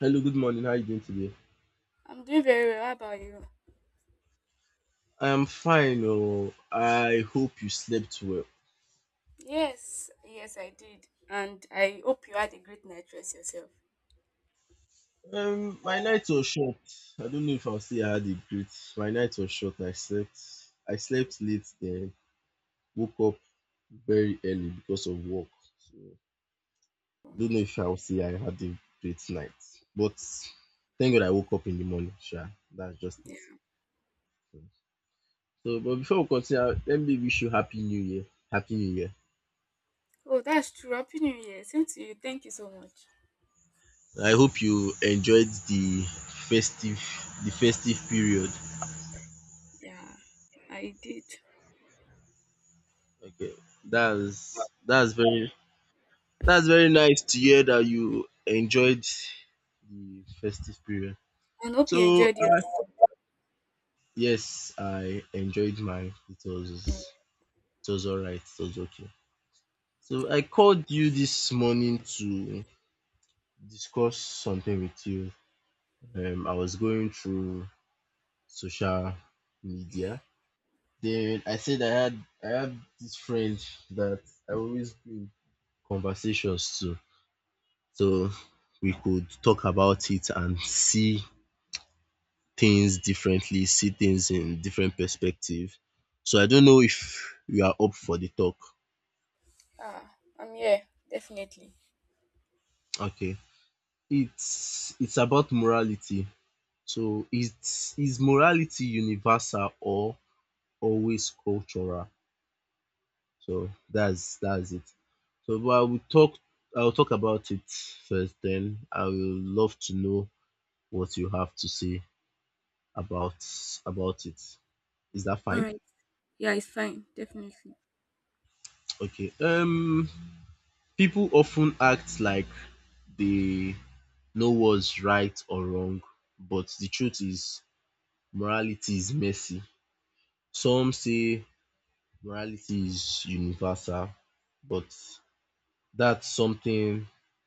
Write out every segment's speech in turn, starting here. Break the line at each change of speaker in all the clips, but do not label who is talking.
Hello, good morning. How are you doing today?
I'm doing very well. How about you?
I'm fine. Oh, I hope you slept well.
Yes, yes, I did. And I hope you had a great night rest yourself.
My night was short. I don't know if I'll say I had a great. My night was short. I slept. I slept late. Then woke up very early because of work. So I don't know if I'll say I had a great night. But thank God I woke up in the morning. Sure, that's just
Yeah.
it. So, but before we continue, let me wish you happy New Year. Happy New Year.
Oh, that's true. Happy New Year. Same to you. Thank you so much.
I hope you enjoyed the festive period.
Yeah, I did.
Okay, that's that's very that's very nice to hear that you enjoyed the festive period.
And hope you
So
enjoyed your.
yes, I enjoyed mine. It was alright. It was okay. So I called you this morning to discuss something with you. I was going through social media. Dude, I said I had this friend that I always bring conversations to, so we could talk about it and see things differently, see things in different perspective. So I don't know if you are up for the talk.
Ah, I'm here. Definitely.
Okay. It's about morality. So is morality universal or always cultural? So that's it. So but I'll talk about it first, then I will love to know what you have to say about about it. Is that
All
fine?
right. Yeah, it's fine. Definitely.
Okay. People often act like they know what's right or wrong, but the truth is morality is messy. Some say morality is universal, but that's something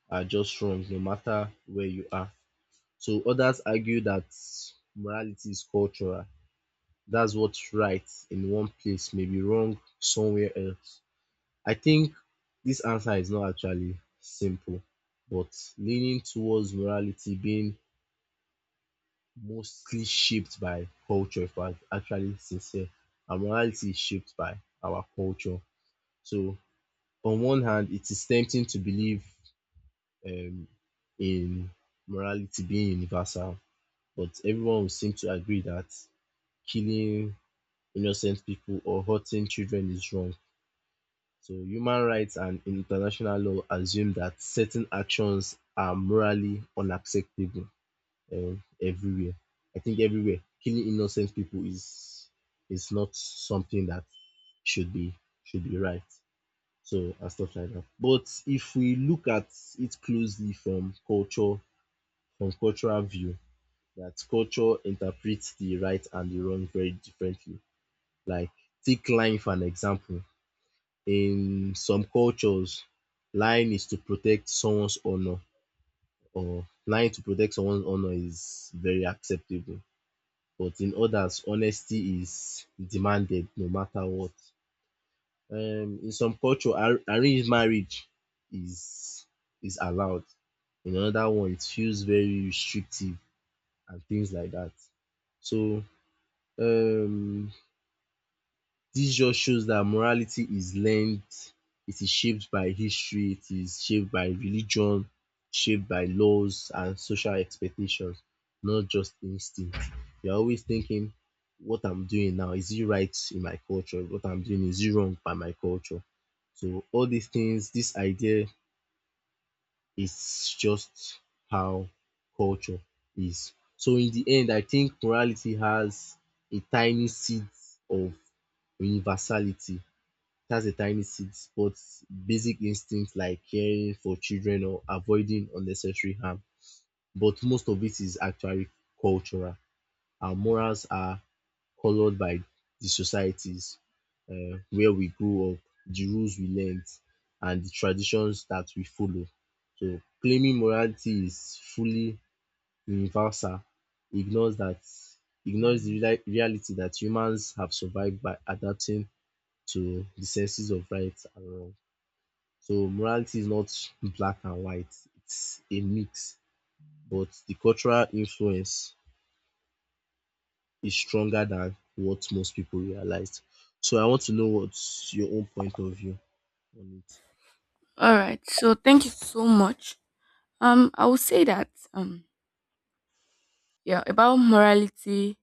are just wrong no matter where you are. So others argue that morality is cultural. That's what's right in one place may be wrong somewhere else. I think this answer is not actually simple, but leaning towards morality being mostly shaped by culture, if I'm actually sincere, and morality is shaped by our culture. So on one hand, it is tempting to believe um, in morality being universal, but everyone will seem to agree that killing innocent people or hurting children is wrong. So human rights and international law assume that certain actions are morally unacceptable uh, everywhere. I think everywhere killing innocent people is not something that should be should be right. So and stuff like that. But if we look at it closely from cultural view, that culture interprets the right and the wrong very differently. Like take lying for an example. In some cultures, lying is to protect someone's honor or lying to protect someone's honor is very acceptable. But in others, honesty is demanded no matter what. In some culture, arranged marriage is is allowed. In another one, it feels very restrictive and things like that. So um this just shows that morality is learned, it is shaped by history, it is shaped by religion, shaped by laws and social expectations, not just instinct. You're always thinking, what I'm doing now, is it right in my culture? What I'm doing, is it wrong by my culture? So all these things, this idea is just how culture is. So in the end, I think morality has a tiny seed of universality, that's a tiny seed, but basic instincts like caring for children or avoiding unnecessary harm. But most of it is actually cultural. Our morals are colored by the societies where we grew up, the rules we learned, and the traditions that we follow. So claiming morality is fully universal ignores that ignores the reality that humans have survived by adapting to the senses of right and wrong. So morality is not black and white, it's a mix. But the cultural influence is stronger than what most people realized. So I want to know what's your own point of view on it.
All right. So thank you so much. I would say that yeah, about morality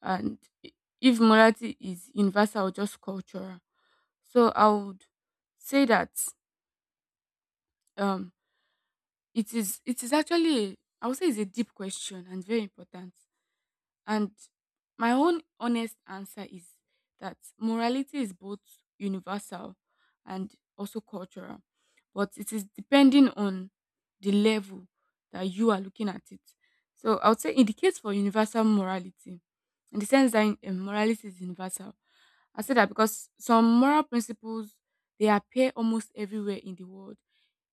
and i- if morality is universal or just cultural. So I would say that Um, it is actually a, I would say it's a deep question and very important. And my own honest answer is that morality is both universal and also cultural, but it is depending on the level that you are looking at it. So I would say, in the case for universal morality, in the sense that morality is universal, I say that because some moral principles they appear almost everywhere in the world.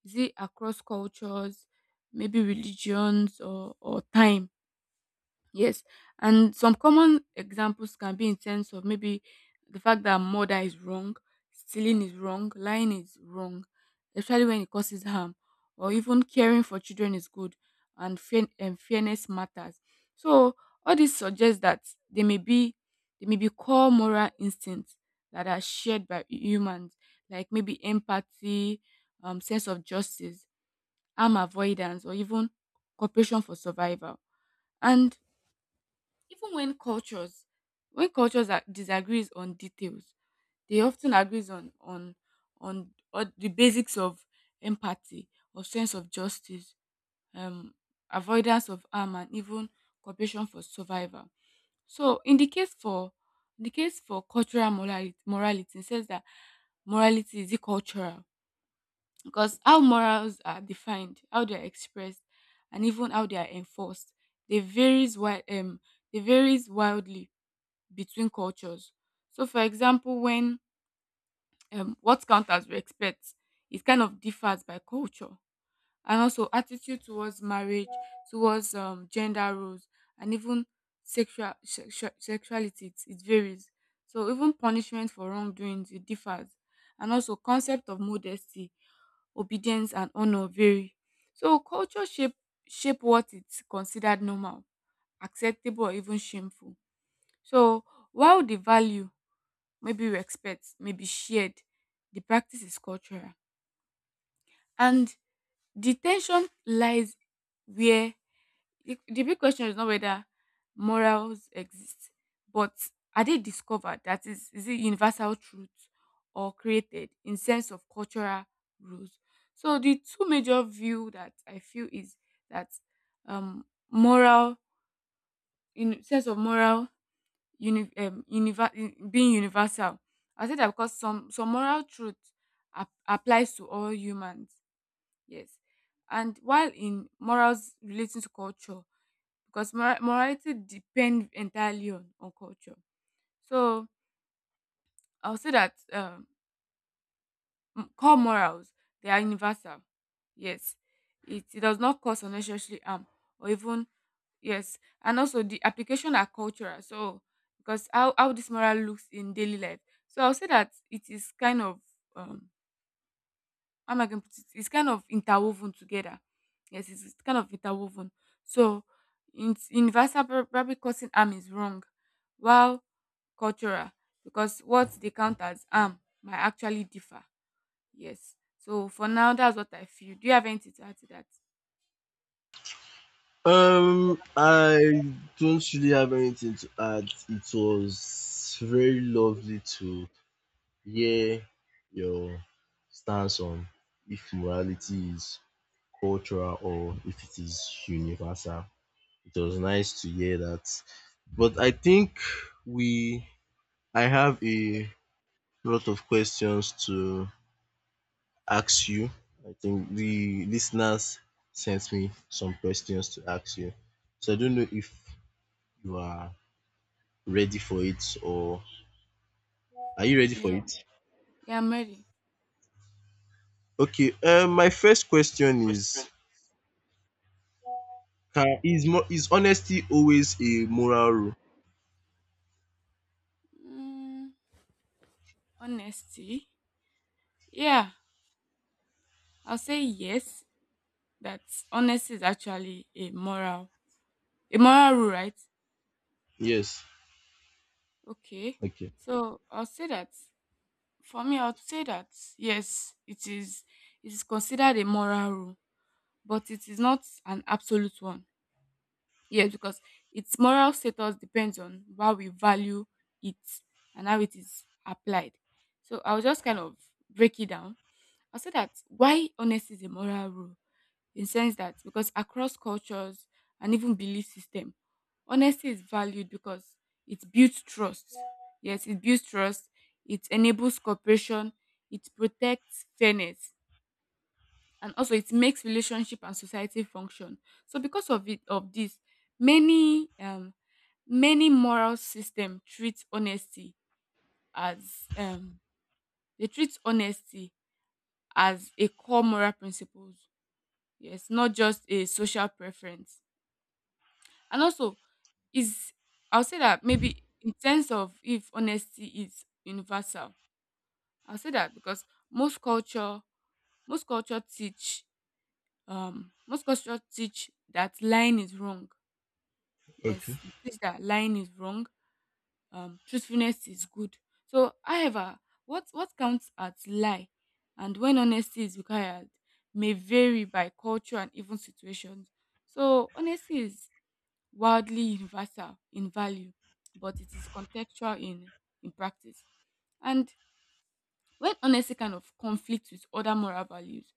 Is it across cultures, maybe religions or time? Yes, and some common examples can be in terms of maybe the fact that murder is wrong, stealing is wrong, lying is wrong, especially when it causes harm, or even caring for children is good, and fairness matters. So all this suggests that there may be there may be core moral instincts that are shared by humans, like maybe empathy, sense of justice, harm avoidance, or even cooperation for survival. And even when cultures are, disagrees on details, they often agrees on the basics of empathy or sense of justice, um, avoidance of harm, and even cooperation for survival. So, in the case for cultural morality, morality it says that morality is cultural because how morals are defined, how they are expressed, and even how they are enforced, they varies wi- um they varies wildly between cultures. So, for example, when what counts as respect is kind of differs by culture, and also attitude towards marriage, towards gender roles, and even sexuality it varies. So, even punishment for wrongdoings it differs, and also concept of modesty, obedience, and honor vary. So, culture shape shape what is considered normal acceptable or even shameful. So while the value maybe respect, maybe shared. The practice is cultural. And the tension lies where the big question is not whether morals exist, but are they discovered? That is it universal truth or created in sense of cultural rules? So the two major view that I feel is that um moral in sense of moral uni- univer- being universal. I say that because some moral truth applies to all humans. Yes, and while in morals relating to culture, because morality depends entirely on culture. So I'll say that core morals they are universal yes it does not cause unnecessary harm or even yes and also the application are cultural so because how this moral looks in daily life, so I'll say that it is kind of um how am I going to put it, it's kind of interwoven together, yes it's kind of interwoven. So in universal probably causing harm is wrong, while cultural because what they count as harm might actually differ. Yes. So for now, that's what I feel. Do you have anything to add to that?
I don't really have anything to add. It was very lovely to hear your stance on if morality is cultural or if it is universal. It was nice to hear that. But I think we I have a lot of questions to ask you. I think the listeners sent me some questions to ask you. So I don't know if you are ready for it or are you ready for
Yeah.
it?
Yeah, I'm ready.
Okay, my first question is, can is is honesty always a moral rule?
Mm, honesty. Yeah, I'll say yes. That honesty is actually a moral rule, right?
Yes.
Okay.
Okay.
So I'll say that for me, I'll say that yes, it is. It is considered a moral rule, but it is not an absolute one. Yes, because its moral status depends on how we value it and how it is applied. So I'll just kind of break it down. I'll say that why honesty is a moral rule in sense that because across cultures and even belief system, honesty is valued because it builds trust. Yes, it builds trust, it enables cooperation, it protects fairness, and also it makes relationship and society function. So because of it of this many many moral system treats honesty as they treat honesty a core moral principles, yes not just a social preference. And also is, I'll say that maybe in terms of if honesty is universal, I'll say that because most culture most culture teach most culture teach that lying is wrong,
Okay.
yes it says that lying is wrong, truthfulness is good. So however what counts as lie and when honesty is required may vary by culture and even situations. So honesty is wildly universal in value, but it is contextual in practice. And when honesty kind of conflicts with other moral values,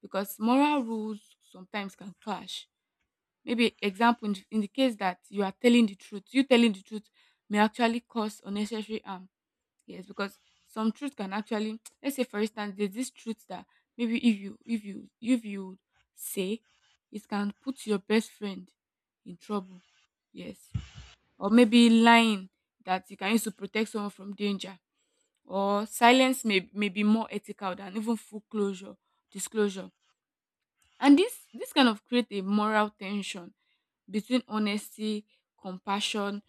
because moral rules sometimes can clash. Maybe example in the case that you telling the truth may actually cause unnecessary harm. Yes, because some truth can actually let's say for instance there's this truth that maybe if you say, it can put your best friend in trouble. Yes. Or maybe lying that you can use to protect someone from danger or silence may be more ethical than even full closure disclosure. And this kind of create a moral tension between honesty, compassion,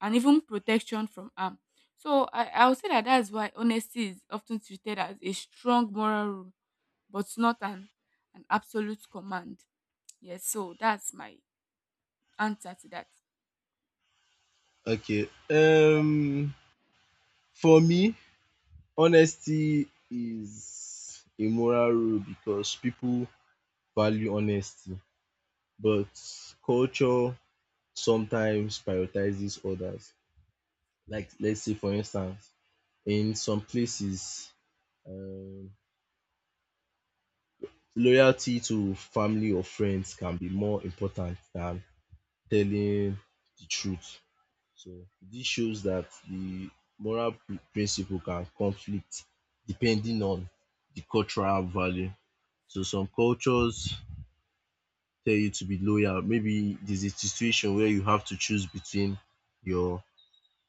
and even protection from harm. So I would say that that's why honesty is often treated as a strong moral rule, but not an absolute command. Yes, so that's my answer to that.
Okay. For me, honesty is a moral rule because people value honesty, but culture sometimes prioritizes others. Like let's say for instance, in some places, um loyalty to family or friends can be more important than telling the truth. So this shows that the moral principle can conflict depending on the cultural value. So some cultures tell you to be loyal. Maybe there's a situation where you have to choose between your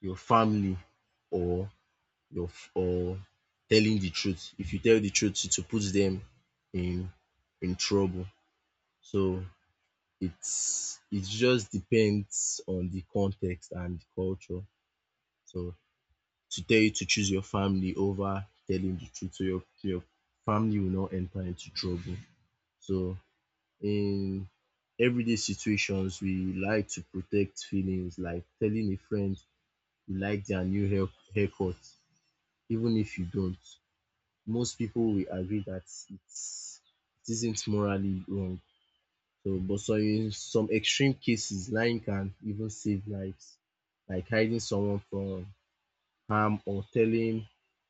your family or your f- or telling the truth. If you tell the truth, it will put them in in trouble. So it's it just depends on the context and the culture. So to tell you to choose your family over telling the truth so your family will not enter into trouble. So in everyday situations we like to protect feelings, like telling a friend you like their new haircut even if you don't. Most people will agree that it's it isn't morally wrong. So in some extreme cases lying can even save lives. Like hiding someone from harm or telling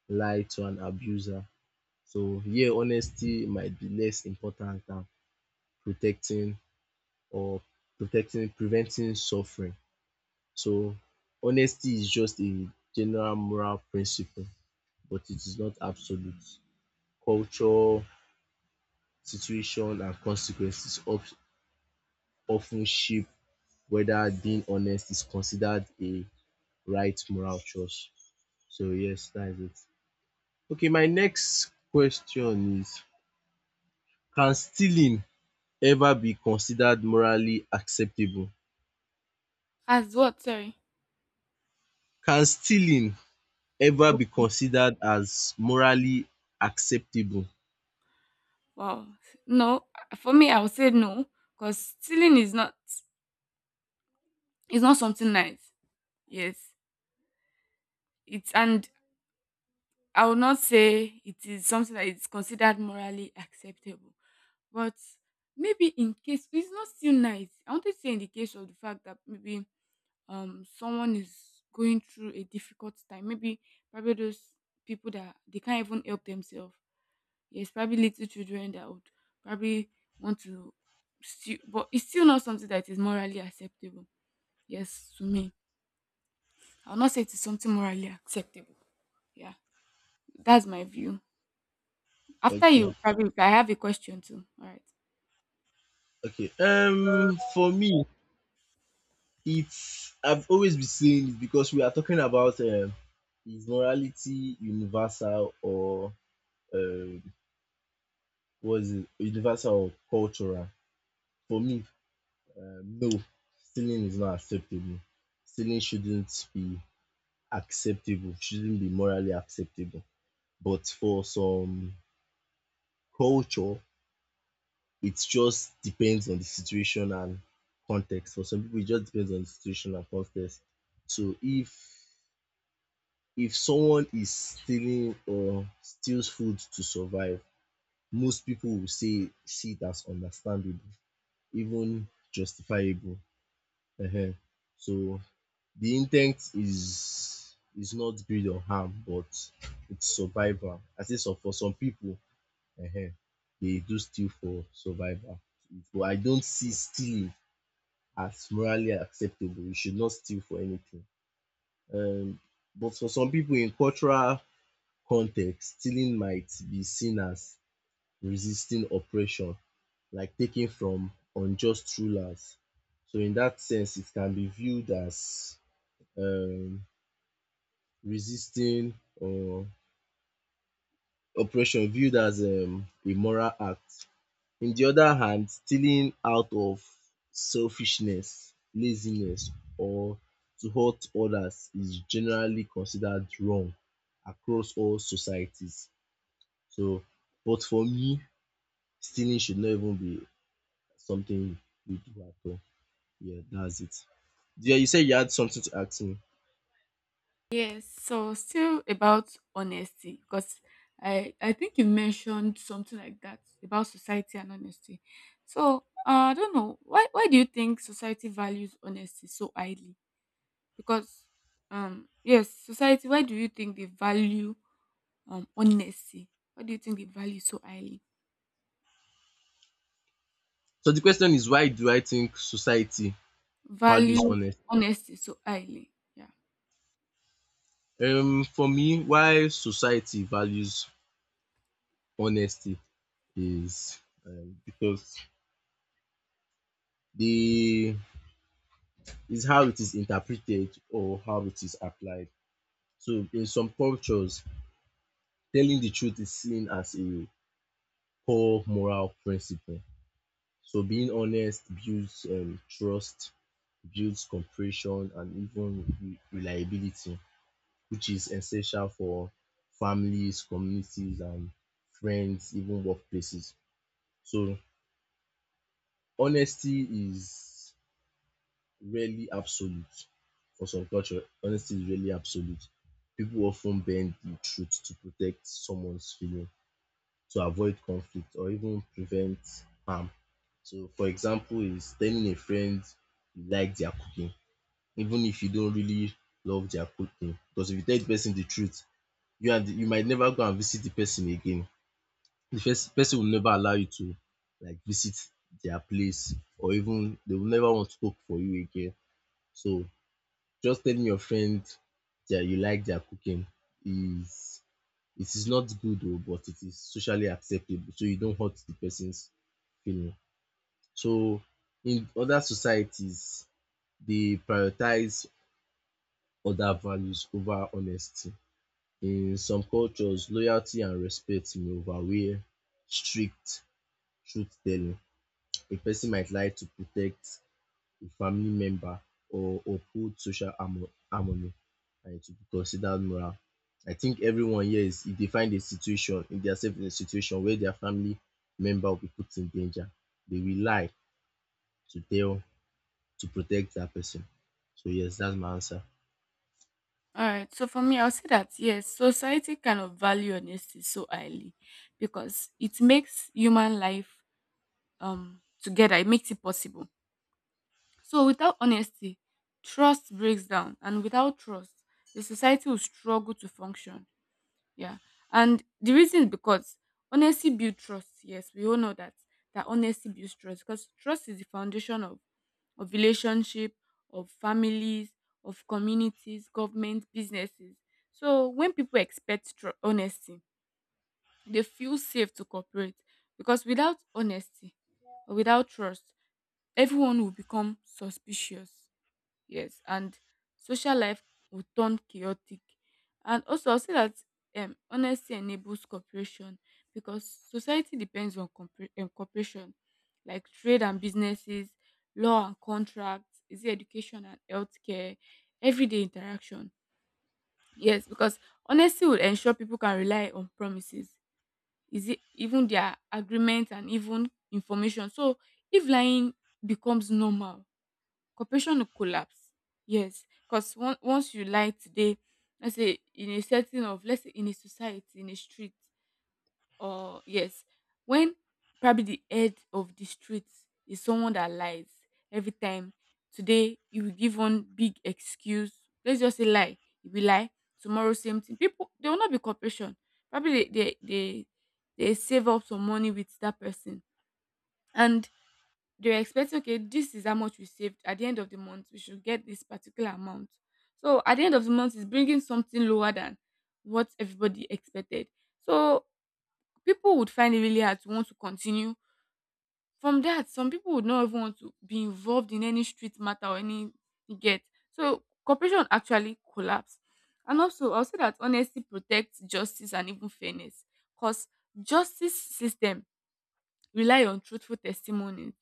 lie to an abuser. So here honesty might be less important than protecting or protecting preventing suffering. So honesty is just a general moral principle but it is not absolute. Culture, situation and consequences of shape whether being honest is considered a right moral choice. So yes, that is it. Okay, my next question is, can stealing ever be considered morally acceptable?
As what? Sorry.
Can stealing ever
Oh,
be considered as morally acceptable?
wow. No, for me, I would say no, because stealing is not something nice. Yes, it's and I will not say it is something that is considered morally acceptable, but maybe in case it's not still nice. I wanted to say in the case of the fact that maybe someone is going through a difficult time, maybe probably those people that they can't even help themselves. Yes, probably little children that would probably want to still, but it's still not something that is morally acceptable. Yes, to me, I'll not say it is something morally acceptable. Yeah, that's my view. After
Okay,
you probably I have a question too. All right.
okay. For me, it's I've always been saying it because we are talking about is morality universal or um, what is it, universal or cultural? For me, no, stealing is not acceptable. Stealing shouldn't be acceptable, shouldn't be morally acceptable. But for some culture, it just depends on the situation and context. For some people, it just depends on the situation and context. So if someone is stealing or steals food to survive, most people will say see it as understandable, even justifiable. Ehen. So the intent is not build on harm, but it's survival. I say some, for some people, um dey do steal for survival. But I don't see stealing as morally acceptable. You should not steal for anything. um But for some people in cultural context, stealing might be seen as resisting oppression, like taking from unjust rulers. So in that sense, it can be viewed as um resisting or oppression viewed as a moral act. In the other hand, stealing out of selfishness, laziness or to hurt others is generally considered wrong across all societies. So but for me, stealing should not even be something we do at all. Yeah, that's it. Yeah, you said you had something to ask me.
Yes. So still about honesty, because I think you mentioned something like that about society and honesty. So I don't know why do you think society values honesty so highly? Because yes, society. Why do you think they value honesty? Why do you think they value so highly?
So the question is, why do I think society values
Value
honesty?
honesty so highly. Yeah.
For me, why society values honesty is because the is how it is interpreted or how it is applied. So in some cultures telling the truth is seen as a core moral principle. So being honest builds trust, builds cooperation and even reliability, which is essential for families, communities and friends, even workplaces. So honesty is rarely absolute. For some culture, honesty is rarely absolute. People often bend the truth to protect someone's feeling, to avoid conflict or even prevent harm. So for example is telling a friend you like their cooking even if you don't really love their cooking, because if you tell the person the truth you might never go and visit the person again. The first person will never allow you to like visit their place, or even they will never want to cook for you again. So just telling your friend that you like their cooking is it is not good oh, but it is socially acceptable. So you don't hurt the person's feeling. So in other societies, they prioritize other values over honesty. In some cultures, loyalty and respect may overweigh strict truth telling. A person might lie to protect a family member or uphold social harmony, and it will be considered moral. I think everyone here is if they find a situation, if dia sef in a situation where their family member will be put in danger, they will lie to tell to protect that person. So yes, that's my answer.
All right. So for me, I'll say that yes, society kind of value honesty so highly because it makes human life together. It makes it possible. So without honesty, trust breaks down, and without trust, the society will struggle to function. Yeah. And the reason is because honesty builds trust. Yes, we all know that honesty builds trust because trust is the foundation of relationship, of families, of communities, government, businesses. So when people expect honesty, they feel safe to cooperate because without honesty or without trust, everyone will become suspicious. Yes, and social life would turn chaotic. And also, I'll say that honesty enables cooperation because society depends on cooperation, like trade and businesses, law and contracts, is it education and healthcare, everyday interaction. Yes, because honesty will ensure people can rely on promises, is it even their agreements and even information. So, if lying becomes normal, Corporation will collapse. Yes, because once you lie today, let's say in a setting of, let's say in a society, in a street, or yes, when probably the head of the street is someone that lies every time, today you will give one big excuse. Let's just say lie. You will lie. Tomorrow, same thing. People, there will not be cooperation. Probably they save up some money with that person. And they're expecting okay this is how much we saved at the end of the month we should get this particular amount. So at the end of the month it's bringing something lower than what everybody expected. So people would find it really hard to want to continue from that. Some people would not even want to be involved in any street matter or any, you get. So cooperation actually collapse. And also I'll say that honesty protects justice and even fairness because justice system rely on truthful testimony,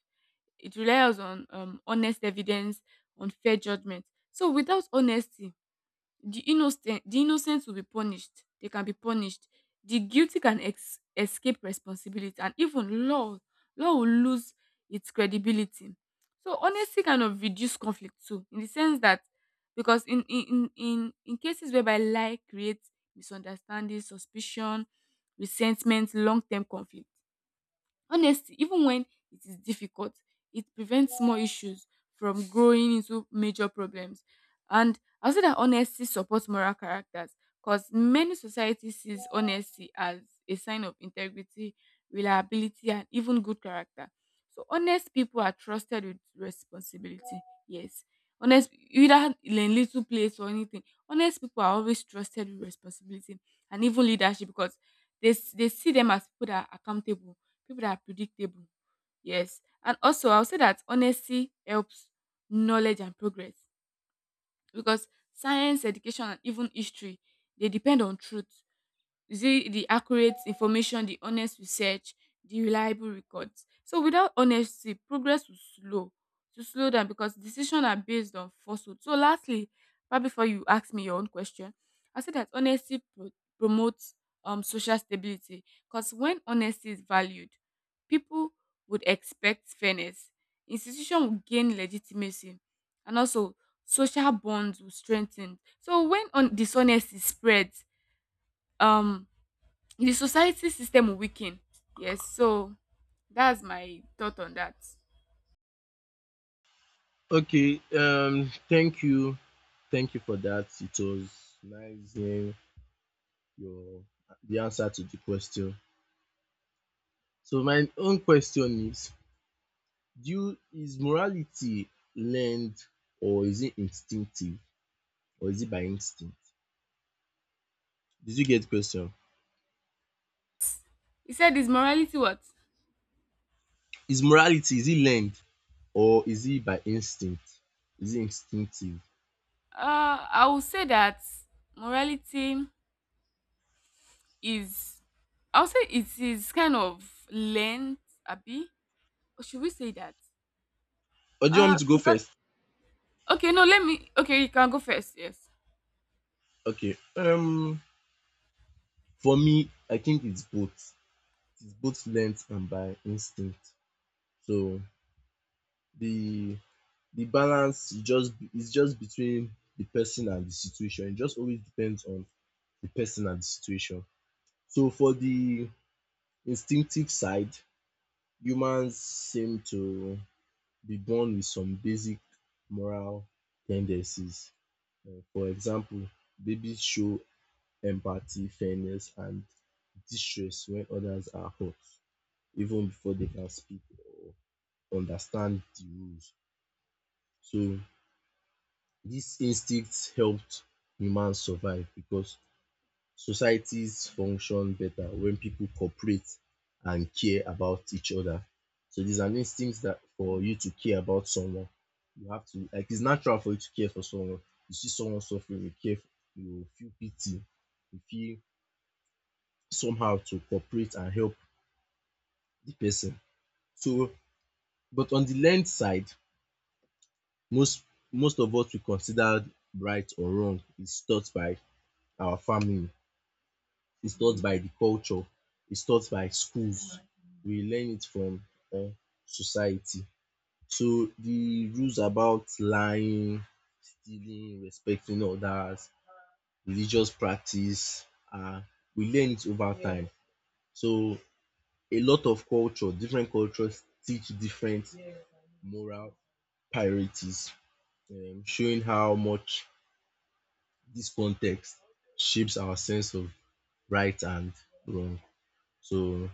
it relies on honest evidence, on fair judgment. So without honesty, the innocent will be punished. They can be punished. The guilty can escape responsibility, and even law will lose its credibility. So honesty kind of reduce conflict too, in the sense that, because in cases whereby lie creates misunderstanding, suspicion, resentment, long term conflict. Honesty, even when it is difficult, it prevents small issues from growing into major problems. And I'll say that honesty supports moral characters because many societies sees honesty as a sign of integrity, reliability, and even good character. So honest people are trusted with responsibility. Yes. Honest either in little place or anything. Honest people are always trusted with responsibility and even leadership because they see them as people that are accountable, people that are predictable. Yes. And also, I'll say that honesty helps knowledge and progress because science, education, and even history, they depend on truth. You see the accurate information, the honest research, the reliable records. So without honesty, progress will slow, to slow down because decisions are based on falsehood. So lastly, right before you ask me your own question, I say that honesty promotes social stability because when honesty is valued, people would expect fairness, institution will gain legitimacy, and also social bonds will strengthen. So when on dishonesty spreads, um the society system will weaken. Yes, so that's my thought on that.
Okay, thank you, thank you for that. It was nice hearing your the answer to the question. So my own question is, do you is morality learned or is it instinctive or is it by instinct? Did you get the question?
You said is morality what?
Is morality, is it learned or is it by instinct? Is it instinctive?
I would say that morality is, I would say it is kind of learned, abi, or should we say that,
Or do you want me to go
because,
first?
okay, no, let me, okay, you can go first. Yes.
Okay. For me I think it's both. It's both learned and by instinct. So the the balance is just between the person and the situation. It just always depends on the person and the situation. So for the instinctive side, humans seem to be born with some basic moral tendencies. For example, babies show empathy, fairness, and distress when others are hurt, even before they can speak or understand the rules. So these instincts helped humans survive because societies function better when people cooperate and care about each other. So there's an instinct that for you to care about someone. You have to like it's natural for you to care for someone. You see someone suffering, you care, you feel pity, you feel somehow to cooperate and help the person. So but on the learned side, most most of what we consider right or wrong is taught by our family, is taught by the culture, is taught by schools. We learn it from um society. So the rules about lying, stealing, respecting others, religious practice, um we learn it over time. So a lot of culture, different cultures teach different moral priorities, showing how much this context shapes our sense of right and wrong. So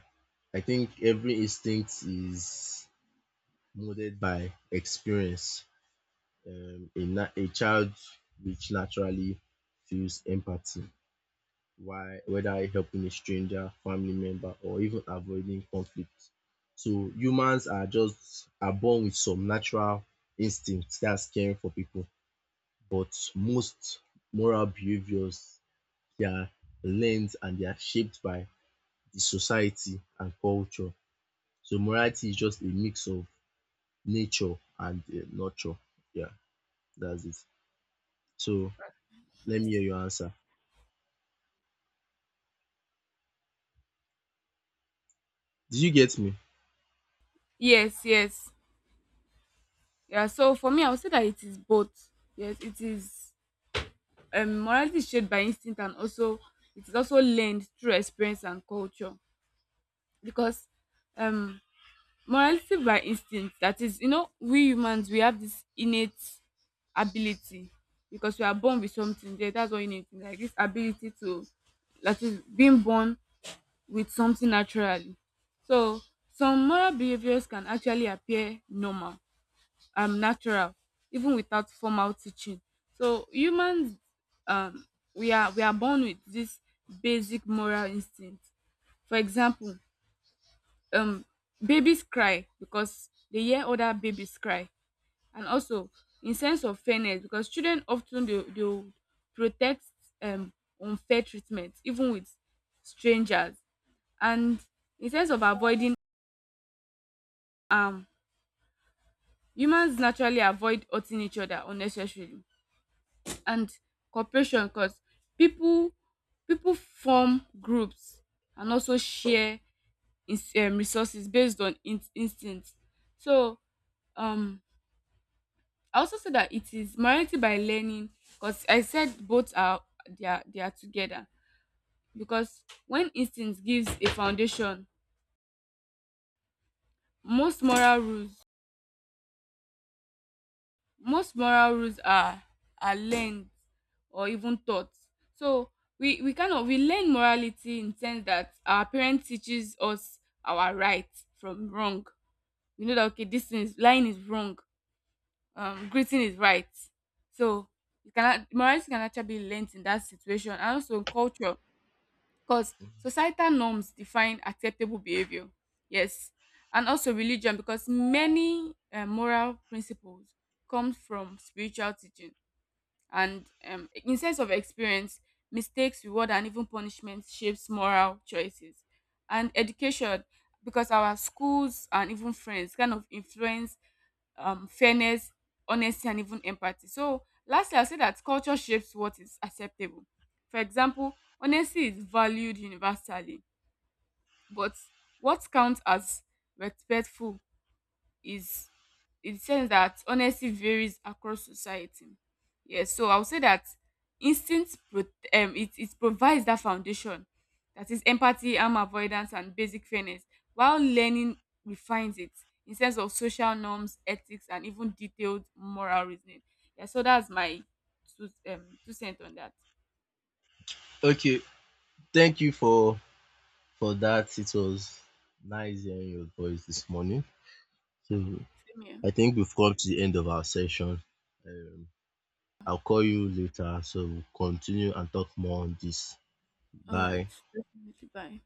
I think every instinct is molded by experience. A child which naturally feels empathy, why whether helping a stranger, family member, or even avoiding conflict. So humans are just are born with some natural instincts, that's caring for people, but most moral behaviors they are learned and they are shaped by the society and culture. So morality is just a mix of nature and nurture. Yeah, that's it. So let me hear your answer. Did you get me?
Yes. Yes. Yeah, so for me I would say that it is both. Yes, it is. Morality is shaped by instinct and also it is also learned through experience and culture. Because um morality by instinct, that is, you know, we humans we have this innate ability because we are born with something there, that's what innate means, like this ability to, that is being born with something naturally. So some moral behaviors can actually appear normal, natural, even without formal teaching. So humans, um we are born with this basic moral instinct. For example, um babies cry because dey hear other babies cry. And also in sense of fairness, because children of ten dey dey protest um unfair treatment even with strangers. And in sense of avoiding harm, humans naturally avoid hurting each other unnecessarily. And cooperation, because people people form groups and also share ins resources based on in instinct. So um I also said that it is morality by learning, because I said both are, they are together. Because when instinct gives a foundation, most moral rules most moral rules are learned or even taught. So we kind of we learn morality in sense that our parent teaches us our right from wrong. We know that, okay, this is, lying is wrong, greeting is right. So you cannot, morality can actually be learned in that situation, and also in culture because societal norms define acceptable behavior. Yes. And also religion, because many moral principles come from spiritual teaching. And in sense of experience, mistakes, reward, and even punishment shapes moral choices. And education, because our schools and even friends kind of influence fairness, honesty, and even empathy. So, lastly, I'll say that culture shapes what is acceptable. For example, honesty is valued universally, but what counts as respectful is, in the sense that honesty varies across society. Yes, so I would say that instinct it provides that foundation, that is empathy, harm avoidance, and basic fairness, while learning refines it in sense of social norms, ethics, and even detailed moral reasoning. Yeah, so that's my two two cents on that.
Okay, thank you for that. It was nice hearing your voice this morning. So
Same here.
I think we've come to the end of our session. Um, I'll call you later so we'll continue and talk more on this.
All right,
Bye.
definitely. Bye.